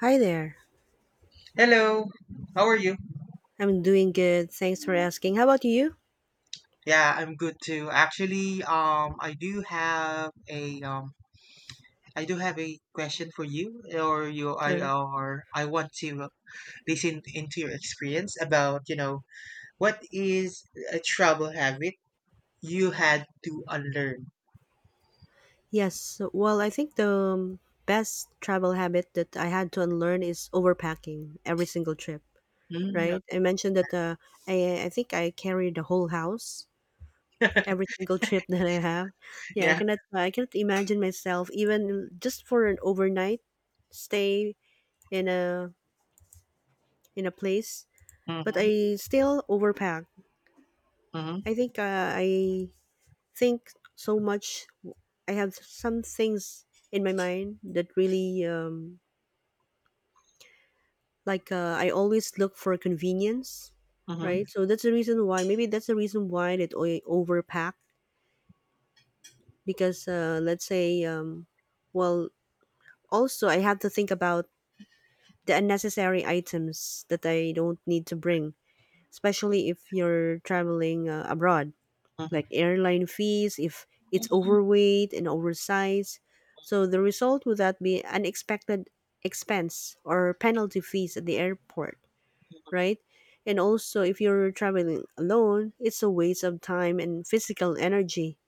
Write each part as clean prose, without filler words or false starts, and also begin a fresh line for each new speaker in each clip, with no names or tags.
Hi there.
Hello, how are you?
I'm doing good. Thanks for asking. How about you?
Yeah, I'm good too. Actually, I do have a I do have a question for you, or you, I,
Sure.
or I want to listen into your experience about, you know, what is a travel habit you had to unlearn?
Yes. Well, I think the best travel habit that I had to unlearn is overpacking every single trip,
Mm,
right? I mentioned that I think I carry the whole house every single trip that I have. Yeah, I
yeah.
cannot I cannot imagine myself even just for an overnight stay in a in a place, but
Mm-hmm.
I still overpack.
Mm-hmm.
I think so much. I have some things in my mind that really like I always look for convenience,
Mm-hmm.
right? So that's the reason why. Maybe that's the reason why that I overpack because let's say, well, also I have to think about the unnecessary items that I don't need to bring, especially if you're traveling abroad, like
Mm-hmm.
airline fees if it's overweight and oversized. So the result would that be unexpected expense or penalty fees at the airport, right? And also if you're traveling alone, it's a waste of time and physical energy.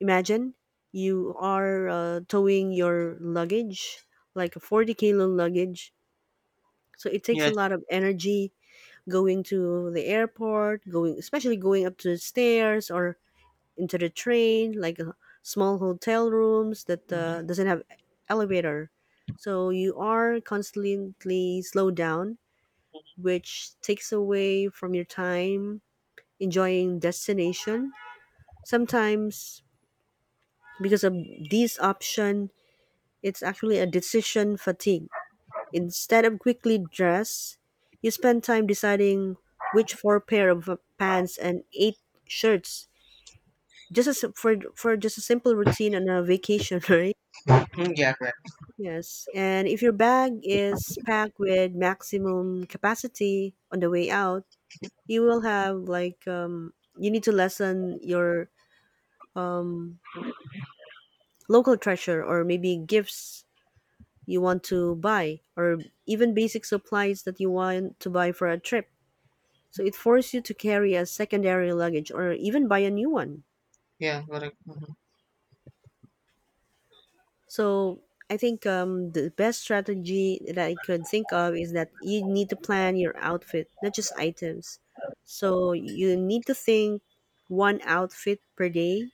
Imagine you are towing your luggage, like a 40-kilo luggage. So it takes a
Yeah.
lot of energy going to the airport, going especially going up to the stairs or into the train, like small hotel rooms that
Mm-hmm.
doesn't have elevator. So you are constantly slowed down, which takes away from your time enjoying destination. Sometimes because of this option, it's actually a decision fatigue. Instead of quickly dress, you spend time deciding which four pair of pants and eight shirts just as for just a simple routine on a vacation, right?
Mm-hmm. Yeah. Correct.
Yes, and if your bag is packed with maximum capacity on the way out, you will have like you need to lessen your um, local treasure or maybe gifts you want to buy or even basic supplies that you want to buy for a trip. So it forces you to carry a secondary luggage or even buy a new one.
Yeah. Correct. Mm-hmm.
So I think the best strategy that I could think of is that you need to plan your outfit, not just items. So you need to think one outfit per day,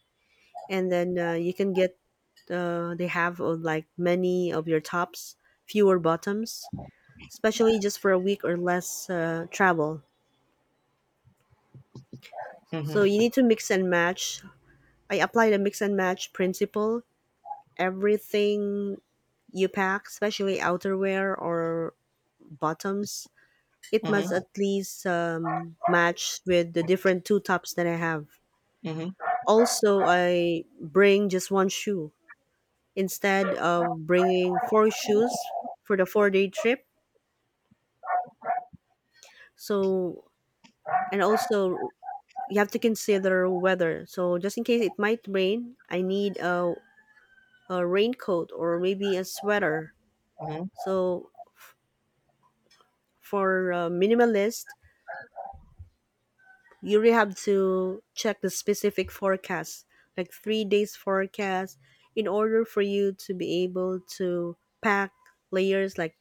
and then you can get they have like many of your tops, fewer bottoms, especially just for a week or less travel. So
Mm-hmm.
you need to mix and match. I apply the mix and match principle. Everything you pack, especially outerwear or bottoms, it must
Mm-hmm.
at least match with the different two tops that I have.
Mm-hmm. Mm-hmm.
Also, I bring just one shoe instead of bringing four shoes for the 4-day trip. So, and also you have to consider weather. So, just in case it might rain, I need a raincoat or maybe a sweater.
Mm-hmm.
So, for a minimalist, you really have to check the specific forecast, like 3 days forecast, in order for you to be able to pack layers like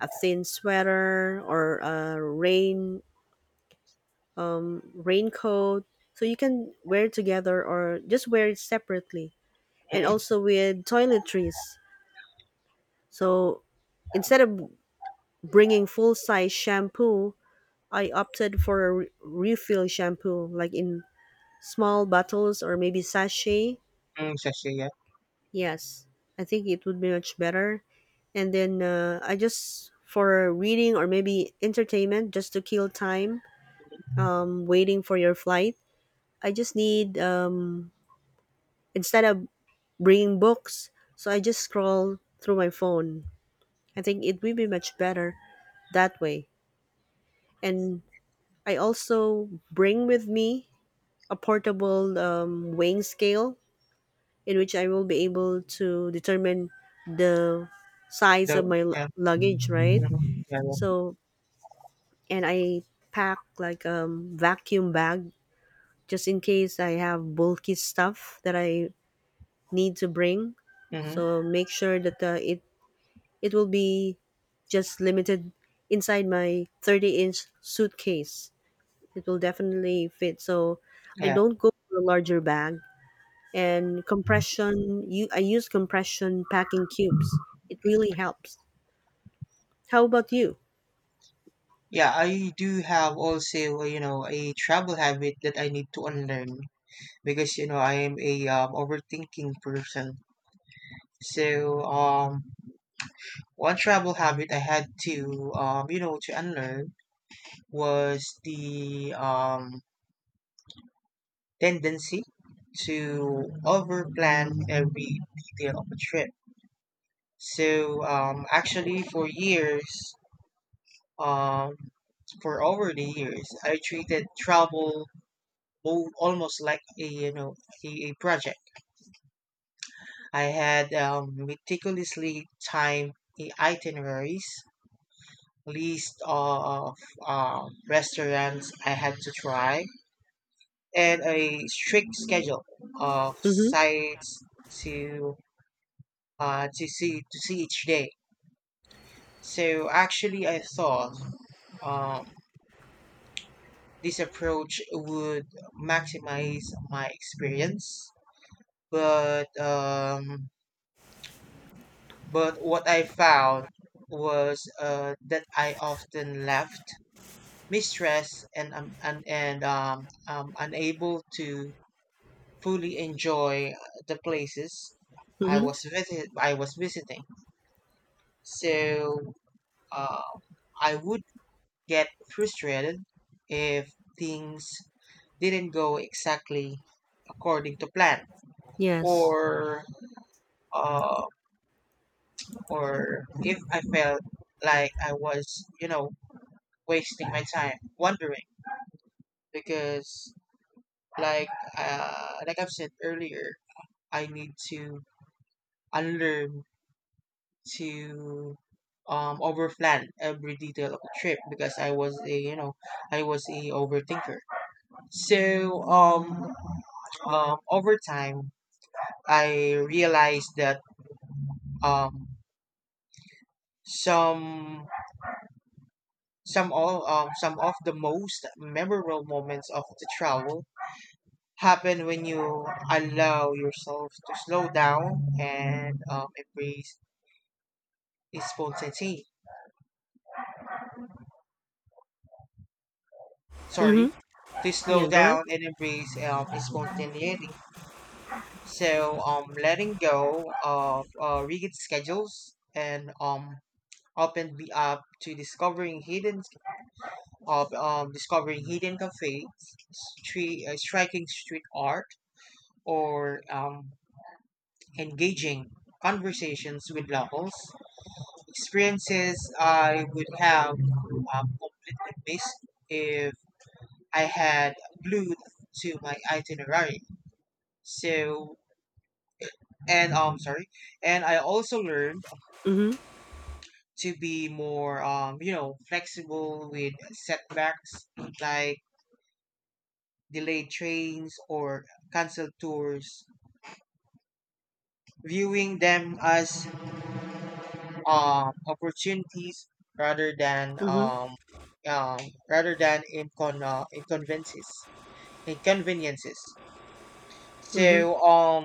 a thin sweater or a raincoat, so you can wear it together or just wear it separately. And
Mm-hmm.
also with toiletries, so instead of bringing full size shampoo, I opted for a refill shampoo, like in small bottles or maybe sachet.
Yes, yes, yes.
Yes, I think it would be much better. And then I just for reading or maybe entertainment, just to kill time, waiting for your flight. I just need instead of bringing books, so I just scroll through my phone. I think it will be much better that way. And I also bring with me a portable weighing scale in which I will be able to determine the size
The
of my
yeah.
luggage, right?
Mhm. Yeah,
So, and I pack like a vacuum bag just in case I have bulky stuff that I need to bring.
yeah. Hmm.
So make sure that it will be just limited inside my 30-inch inch suitcase. It will definitely fit. So I
Yeah.
don't go for a larger bag, and compression you I use compression packing cubes. It really helps. How about you?
Yeah, I do have also, you know, a travel habit that I need to unlearn because, you know, I am a overthinking person. So, one travel habit I had to, you know, to unlearn was the tendency to overplan every detail of a trip. So, actually, for years, Um, for over the years, I treated travel almost like a you know a project. I had meticulously timed the itineraries, list of restaurants I had to try, and a strict schedule of
Mm-hmm.
sites to to see each day. So actually, I thought um, this approach would maximize my experience. But um, but what I found was that I often left mistressed and unable to fully enjoy the places
Mm-hmm.
I was visiting. So uh, I would get frustrated if things didn't go exactly according to plan
Yes.
or uh, or if I felt like I was, you know, wasting my time wondering because like like I've said earlier, I need to unlearn to overplan every detail of the trip because I was a you know I was a overthinker. So over time I realized that um some some of the most memorable moments of the travel happen when you allow yourself to slow down and embrace spontaneity.
Mm-hmm.
Sorry, to
Yeah,
slow
go ahead.
down and embrace spontaneity. So letting go of rigid schedules and open be up to discovering hidden of discovering hidden cafes, striking street art, or engaging conversations with locals, experiences I would have completely missed if I had glued to my itinerary. So, and sorry, and I also learned
Mm-hmm.
to be more you know, flexible with setbacks like delayed trains or canceled tours, viewing them as opportunities rather than
Mm-hmm.
um, um, rather than inconveniences inconveniences. So
Mm-hmm.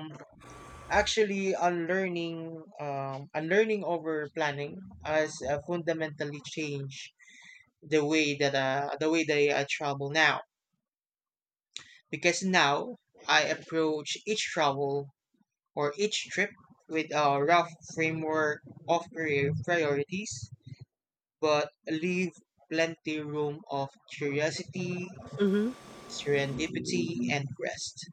actually unlearning over planning has fundamentally changed the way that I travel now because now I approach each travel or each trip with a rough framework of priorities but leave plenty room of curiosity,
Mm-hmm.
serendipity, and rest.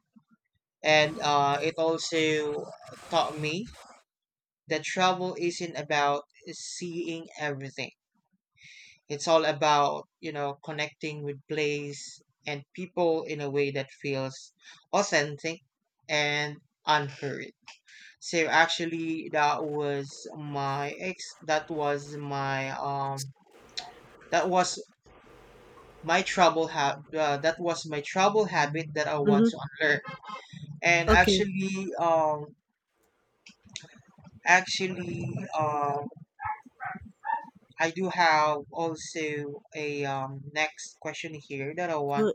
And it also taught me that travel isn't about seeing everything. It's all about you know connecting with place and people in a way that feels authentic and unhurried. So actually, that was my ex. That was my. That was my that was my trouble habit that I want to
Mm-hmm.
unlearn. And
Okay.
actually, actually, um, I do have also a next question here that I want
Good.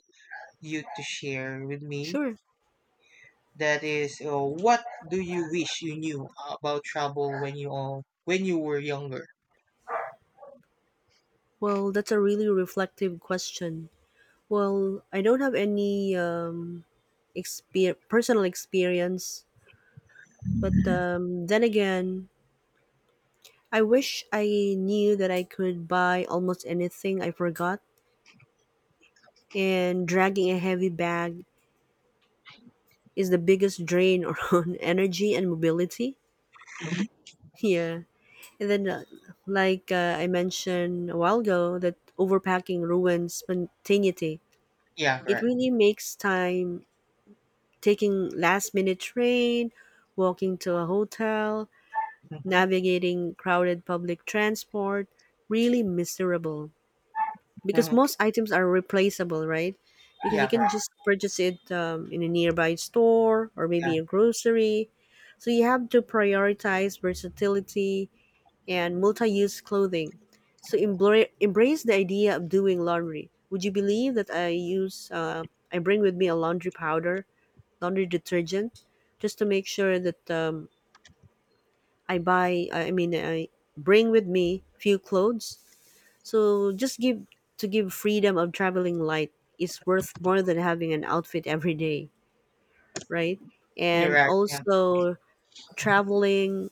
you to share with me.
Sure.
That is, what do you wish you knew about trouble when you were younger?
Well, that's a really reflective question. Well, I don't have any personal experience, but then again, I wish I knew that I could buy almost anything I forgot, and dragging a heavy bag is the biggest drain on energy and mobility. Yeah. And then, like I mentioned a while ago, that overpacking ruins spontaneity.
Yeah,
It
correct.
really makes time taking last minute train, walking to a hotel,
Hmm.
navigating crowded public transport really miserable. Because
Hmm.
most items are replaceable, right? Because you
Yeah,
can
correct.
just purchase it in a nearby store or
Yeah,
maybe a grocery. So you have to prioritize versatility and multi-use clothing. So embrace the idea of doing laundry. Would you believe that I bring with me a laundry powder, laundry detergent, just to make sure that I mean, I bring with me few clothes, so just give to give freedom of traveling light is worth more than having an outfit every day, right?
you're
And
right. Yeah,
also, traveling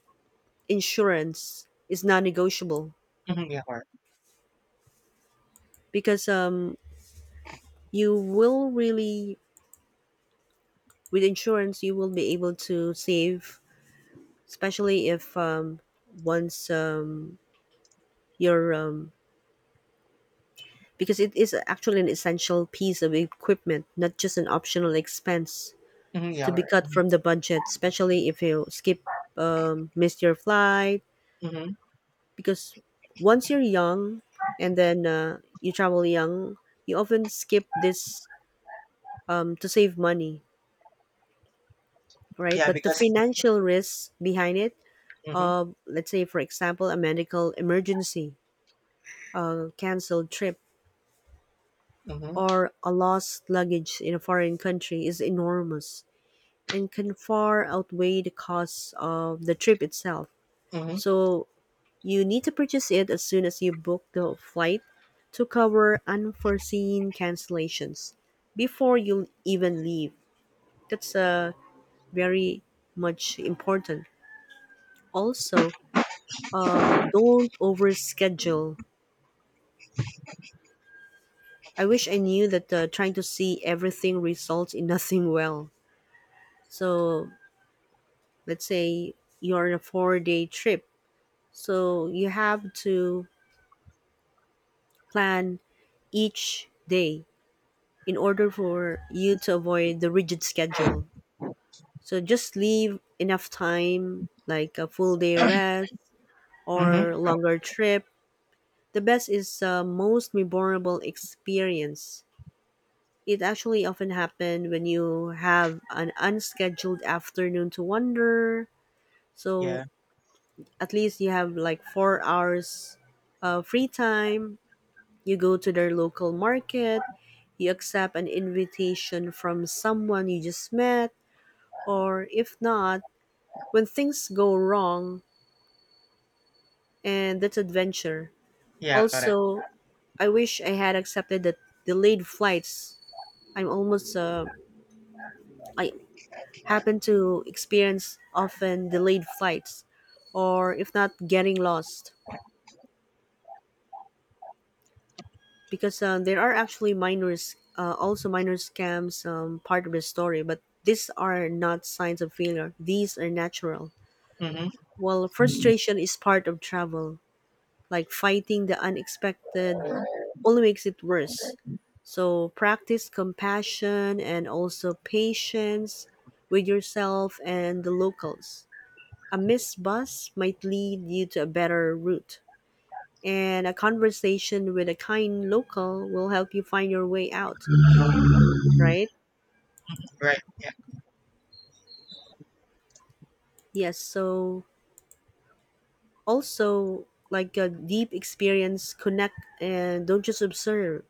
insurance is non-negotiable
hmm, yeah, correct.
because you will really, with insurance you will be able to save, especially if once your because it is actually an essential piece of equipment, not just an optional expense
Hmm, yeah,
to be
correct.
cut
Hmm.
from the budget, especially if you skip, miss your flight.
Hmm.
Because once you're young and then you travel young, you often skip this to save money, right?
Yeah,
But the
because.
financial risks behind it,
Hmm.
let's say, for example, a medical emergency, a canceled trip,
Hmm.
or a lost luggage in a foreign country is enormous and can far outweigh the costs of the trip itself.
Hmm.
So you need to purchase it as soon as you book the flight to cover unforeseen cancellations before you even leave. That's very much important. Also, don't overschedule. I wish I knew that trying to see everything results in nothing well. So, let's say you're on a 4-day trip. So, you have to plan each day in order for you to avoid the rigid schedule. So just leave enough time, like a full day rest
Hmm.
or longer trip. The best is most memorable experience. It actually often happen when you have an unscheduled afternoon to wander. So
Yeah.
at least you have like 4 hours free time. You go to their local market. You accept an invitation from someone you just met, or if not, when things go wrong, and that's adventure.
Yeah. Correct.
Also, I wish I had accepted the delayed flights. I'm almost uh, I happen to experience often delayed flights, or if not getting lost, because there are actually minors also minor scams, part of the story, but these are not signs of failure. These are natural.
Mm-hmm.
Well, frustration is part of travel, like fighting the unexpected only makes it worse. So practice compassion and also patience with yourself and the locals. A missed bus might lead you to a better route, and a conversation with a kind local will help you find your way out, right?
Right. Yeah.
Yes, so also like a deep experience, connect and don't just observe.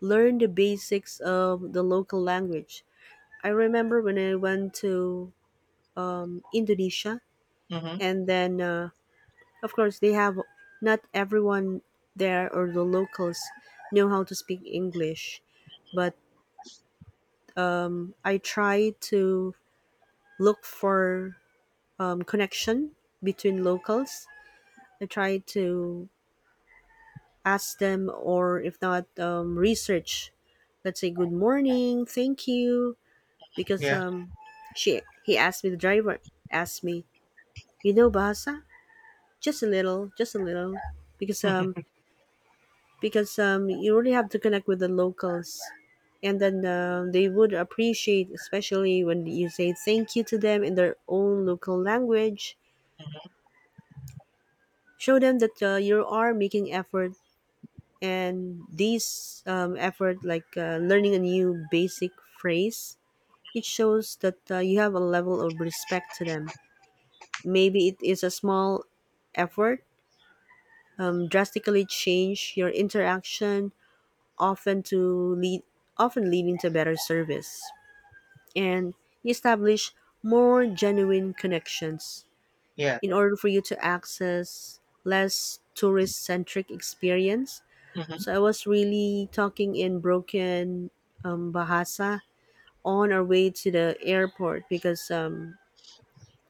Learn the basics of the local language. I remember when I went to Indonesia,
Mm-hmm.
and then of course they have, not everyone there or the locals know how to speak English, but I try to look for connection between locals. I try to ask them, or if not, research, let's say good morning, thank you. Because
Yeah.
she he asked me, the driver asked me, you know Bahasa, just a little, just a little. because um
Mm-hmm.
because um, you really have to connect with the locals, and then they would appreciate, especially when you say thank you to them in their own local language.
Mm-hmm.
Show them that you are making effort, and this effort, like learning a new basic phrase, it shows that you have a level of respect to them. Maybe it is a small effort, drastically change your interaction, often to lead often leading to better service and establish more genuine connections.
Yeah.
In
Correct.
order for you to access less tourist centric experience,
Mm-hmm.
so I was really talking in broken Bahasa on our way to the airport because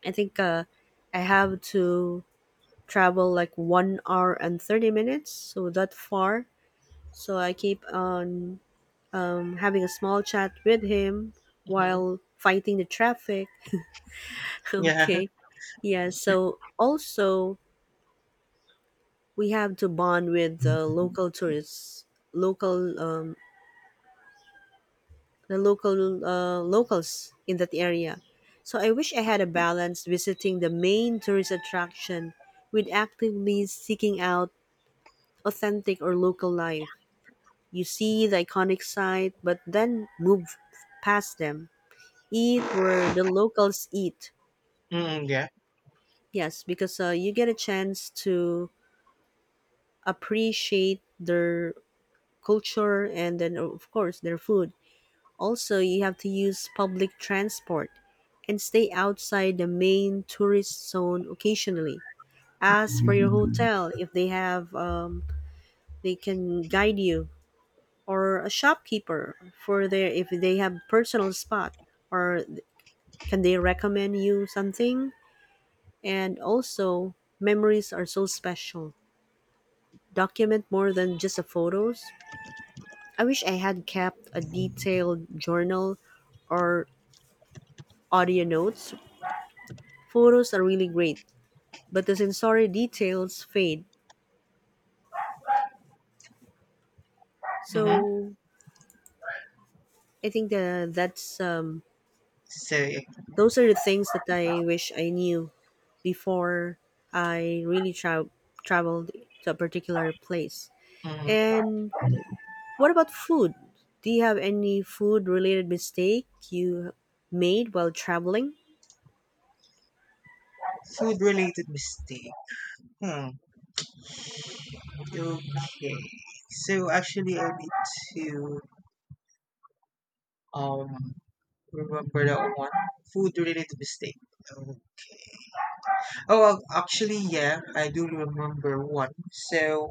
I think I have to travel like 1 hour and 30 minutes, so that far. So I keep on having a small chat with him
Mm-hmm.
while fighting the traffic.
Yeah.
Okay. Yeah, so also we have to bond with the local tourists, local the local locals in that area. So I wish I had a balance visiting the main tourist attraction with actively seeking out authentic or local life. You see the iconic site, but then move past them. Eat where the locals eat.
Mm-hmm. Yeah.
Yes, because you get a chance to appreciate their culture and then of course their food. Also you have to use public transport and stay outside the main tourist zone. Occasionally ask for your
Mm-hmm.
hotel if they have they can guide you, or a shopkeeper for their if they have personal spot, or can they recommend you something. And also memories are so special. Document more than just the photos. I wish I had kept a detailed journal or audio notes. Photos are really great, but the sensory details fade. So I think that that's
So,
those are the things that I wish I knew before I traveled to a particular place.
mm,
And what about food? Do you have any food related mistake you made while traveling?
food related mistake. Hmm. Okay. So actually, I need to um remember that one. Food related mistake. Um, Oh, well, actually, yeah, I do remember one. So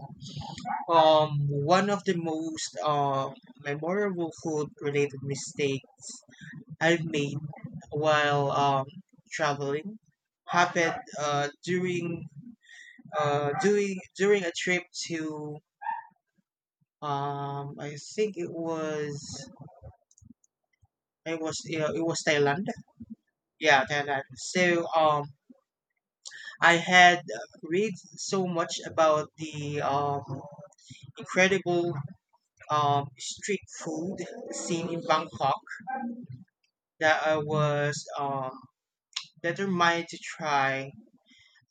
One of the most memorable food-related mistakes I've made while traveling happened during during a trip to I think it was it was Thailand. Yeah, Thailand. So I had read so much about the incredible street food scene in Bangkok that I was determined to try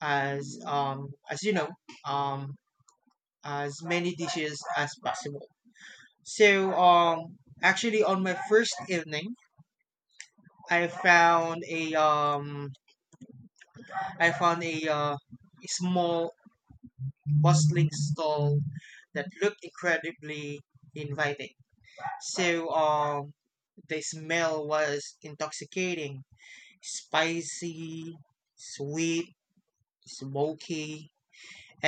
as you know um, as many dishes as possible. So actually, on my first evening, I found a a small bustling stall that looked incredibly inviting. So the smell was intoxicating, spicy, sweet, smoky,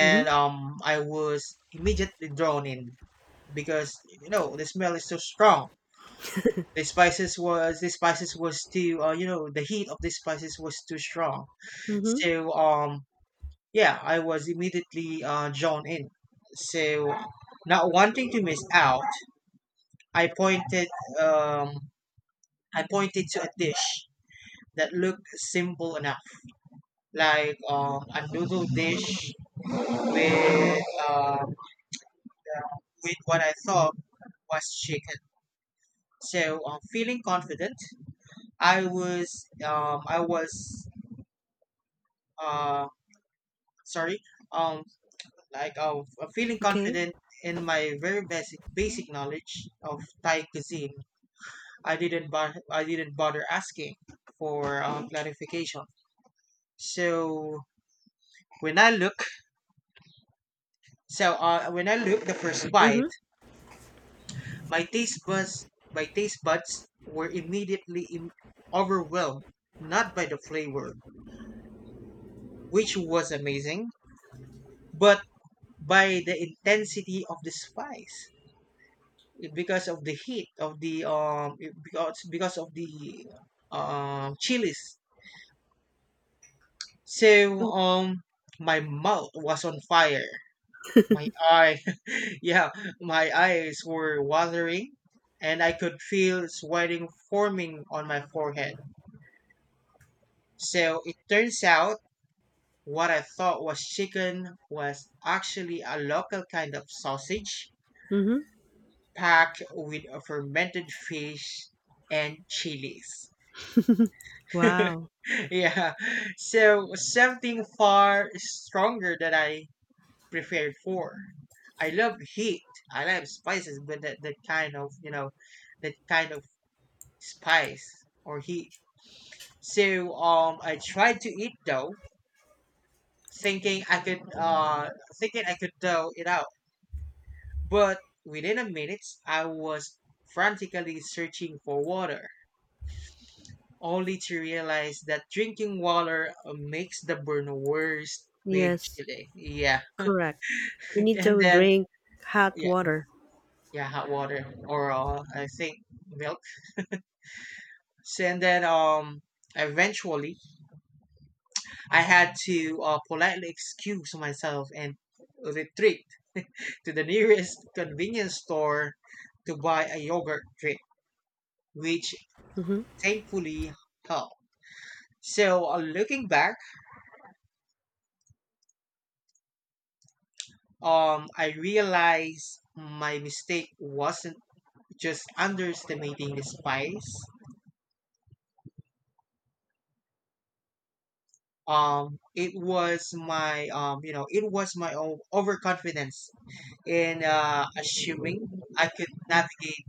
Mm-hmm.
I was immediately drawn in because you know the smell is so strong. The spices was too you know the heat of the spices was too strong.
Mm-hmm.
So yeah, I was immediately drawn in. So not wanting to miss out, I pointed um I pointed to a dish that looked simple enough, like a noodle dish with um, with what I thought was chicken. So feeling confident, I was uh, sorry um, like feeling
Okay.
confident in my very basic knowledge of Thai cuisine. I didn't bother asking for clarification. So when I look when I look the first bite,
Mm-hmm.
my taste buds were immediately overwhelmed not by the flavor, which was amazing, but by the intensity of the spice, because of the heat of the because of the chilies. So my mouth was on fire, my eye yeah, my eyes were watering and I could feel sweating forming on my forehead. So it turns out what I thought was chicken was actually a local kind of sausage
Mm-hmm.
packed with a fermented fish and chilies.
Wow.
Yeah, so something far stronger than I prepared for. I love heat. I love spices, but that, that kind of you know, that kind of spice or heat. So I tried to eat though, thinking I could uh, thinking I could dough it out. But within a minute, I was frantically searching for water, only to realize that drinking water makes the burn worse with
Yes,
chili. Yeah.
correct. You need
And
to
then
drink hot
yeah,
water.
yeah, hot water or I think milk. So, and then eventually I had to politely excuse myself and retreat to the nearest convenience store to buy a yogurt drink, which
Mm-hmm.
thankfully helped. So looking back, I realized my mistake wasn't just underestimating the spice. It was my you know, it was my overconfidence in assuming I could navigate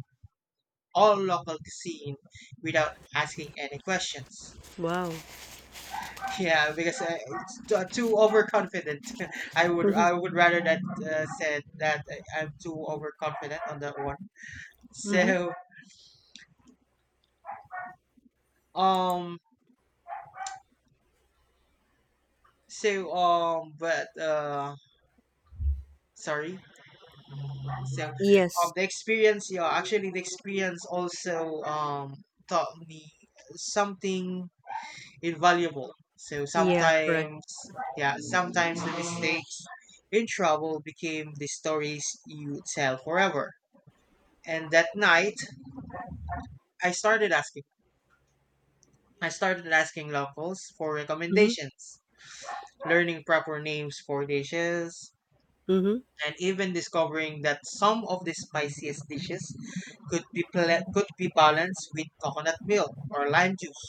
all local cuisine without asking any questions.
Wow.
Yeah, because too overconfident. I would rather that said that I'm too overconfident on that one.
Mm-hmm.
So um, but sorry. So,
Yes.
the experience, yeah, actually, the experience also taught me something invaluable. So
Yeah, correct.
sometimes, yeah, sometimes the mistakes in trouble became the stories you tell forever. And that night, I started asking. I started asking locals for
Mm-hmm.
recommendations, learning proper names for dishes,
Mm-hmm.
and even discovering that some of the spiciest dishes could be balanced with coconut milk or lime juice.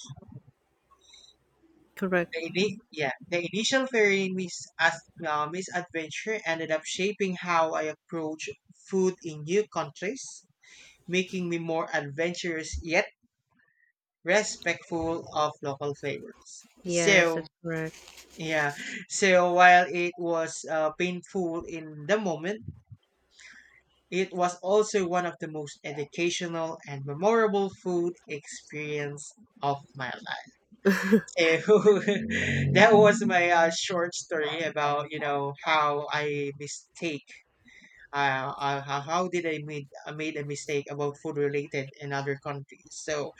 Correct.
Yeah, the initial very misadventure ended up shaping how I approach food in new countries, making me more adventurous yet respectful of local flavors.
Yes, that's
So
correct.
yeah, so while it was painful in the moment, it was also one of the most educational and memorable food experience of my life. So that was my short story about you know how I mistake how did I made a mistake about food related in other countries. So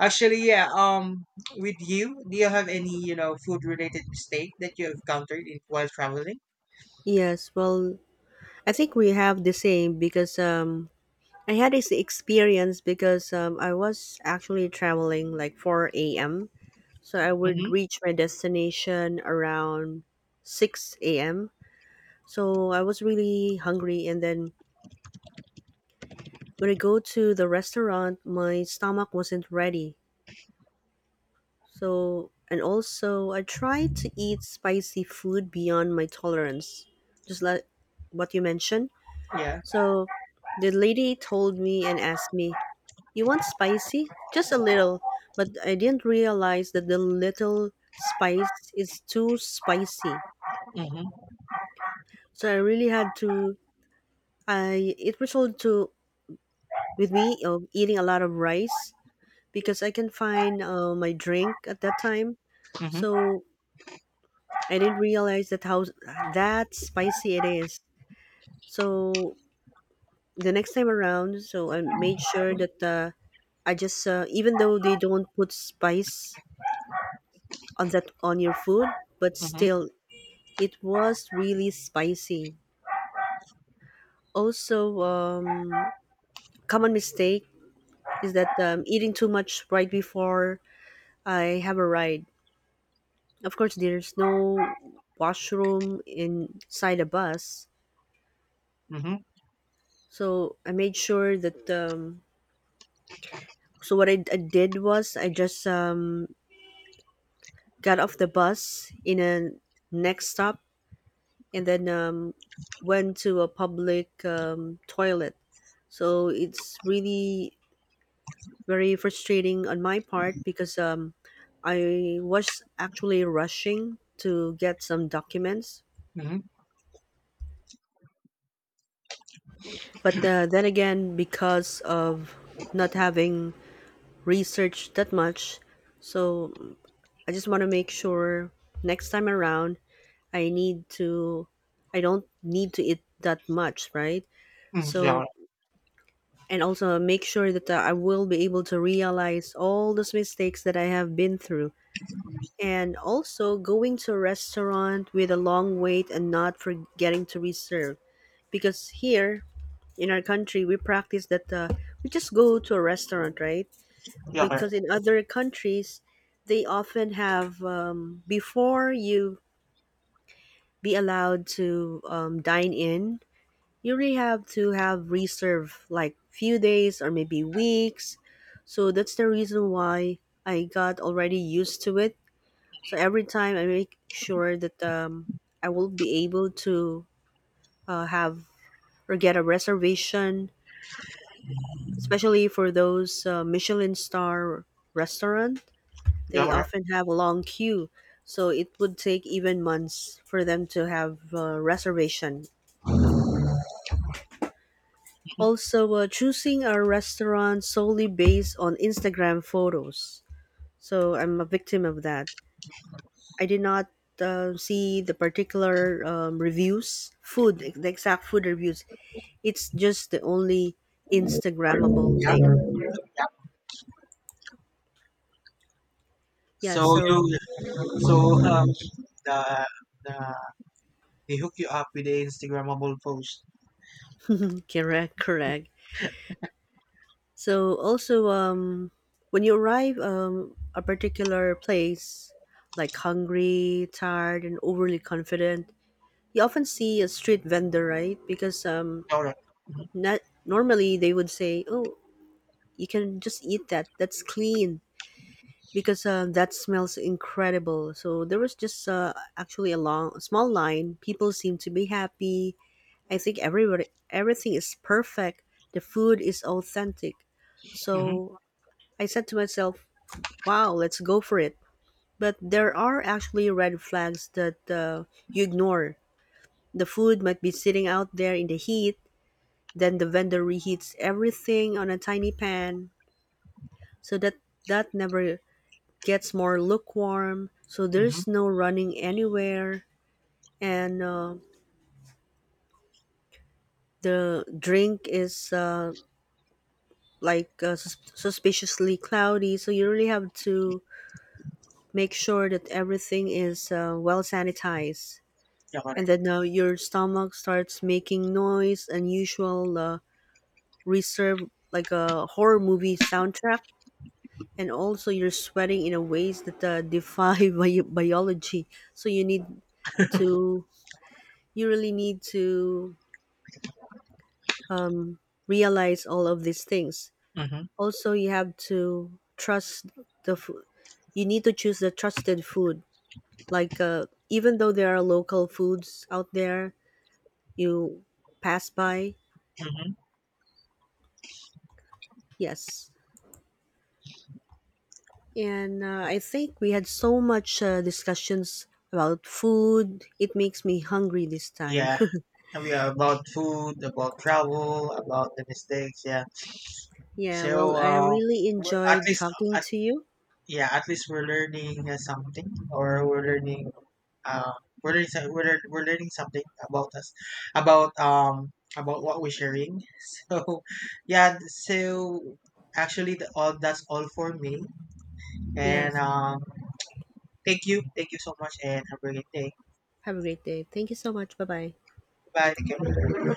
actually, yeah. With you, do you have any you know food related mistake that you have encountered in, while traveling?
Yes, well, I think we have the same, because I had this experience, because I was actually traveling like 4 a.m. So I would
Mm-hmm.
reach my destination around 6 a.m. So I was really hungry, and then when I go to the restaurant, my stomach wasn't ready. So, and also, I tried to eat spicy food beyond my tolerance, just like what you mentioned.
Yeah.
So, the lady told me and asked me, "You want spicy? Just a little." But I didn't realize that the little spice is too spicy.
Mm-hmm.
So, I really had to, I, it resulted to, with me, of eating a lot of rice, because I can find my drink at that time.
Mm-hmm.
So I didn't realize that how that spicy it is. So the next time around, so I made sure that I just even though they don't put spice on that on your food, but
Mm-hmm.
still it was really spicy. Also, common mistake is that eating too much right before I have a ride. Of course, there's no washroom inside a bus,
Mm-hmm.
so I made sure that. So what I did was I just got off the bus in a next stop, and then went to a public toilet. So it's really very frustrating on my part, because I was actually rushing to get some documents.
Mm-hmm.
But then again, because of not having researched that much, so I just want to make sure next time around I need to, I don't need to eat that much, right?
Mm-hmm. Yeah.
So, and also make sure that I will be able to realize all those mistakes that I have been through. And also going to a restaurant with a long wait and not forgetting to reserve. Because here, in our country we practice that we just go to a restaurant, right,
Yeah.
because in other countries they often have before you be allowed to dine in, you really have to have reserve like few days or maybe weeks. So that's the reason why I got already used to it. So every time I make sure that I will be able to have or get a reservation, especially for those Michelin star restaurant.
Yeah,
They
all right.
often have a long queue, so it would take even months for them to have a reservation.
Mhm.
Also, choosing a restaurant solely based on Instagram photos. So I'm a victim of that. I did not see the particular reviews, food, the exact food reviews. It's just the only
All
Instagrammable
right.
thing.
Yeah.
Yeah,
So
so
you, so um, the the they hook you up with the Instagrammable post.
mm, correct, correct. So also, when you arrive a particular place, like hungry, tired, and overly confident, you often see a street vendor, right? Because
All right.
not normally they would say, "Oh, you can just eat that. That's clean." Because that smells incredible. So there was just actually a long, a small line. People seem to be happy. I think everybody, everything is perfect. The food is authentic.
Mm-hmm.
So I said to myself, "Wow, let's go for it." But there are actually red flags that you ignore. The food might be sitting out there in the heat, then the vendor reheats everything on a tiny pan so that that never gets more lukewarm. So
Mm-hmm.
there's no running anywhere, and the drink is like suspiciously cloudy. So you really have to make sure that everything is well sanitized.
Yeah, correct.
And then your stomach starts making noise unusual reserve like a horror movie soundtrack. And also you're sweating in a ways that defy biology. So you need to, you really need to realize all of these things.
Mm-hmm.
Also you have to trust the food. You need to choose the trusted food, like even though there are local foods out there, you pass by.
Mm-hmm.
Yes. And I think we had so much discussions about food. It makes me hungry this time.
Yeah, and we are about food, about travel, about the mistakes. Yeah.
Yeah, well,
So,
I really
we're, at
enjoyed
least,
talking
at,
to you.
yeah, at least we're learning something, or um, we're learning, so- we're, lear- we're learning something about us about um about what we're sharing so yeah so actually all that's all for me and
Yes.
thank you so much and have a great day
Have a great day. Thank you so much. Bye bye.
bye. Thank you.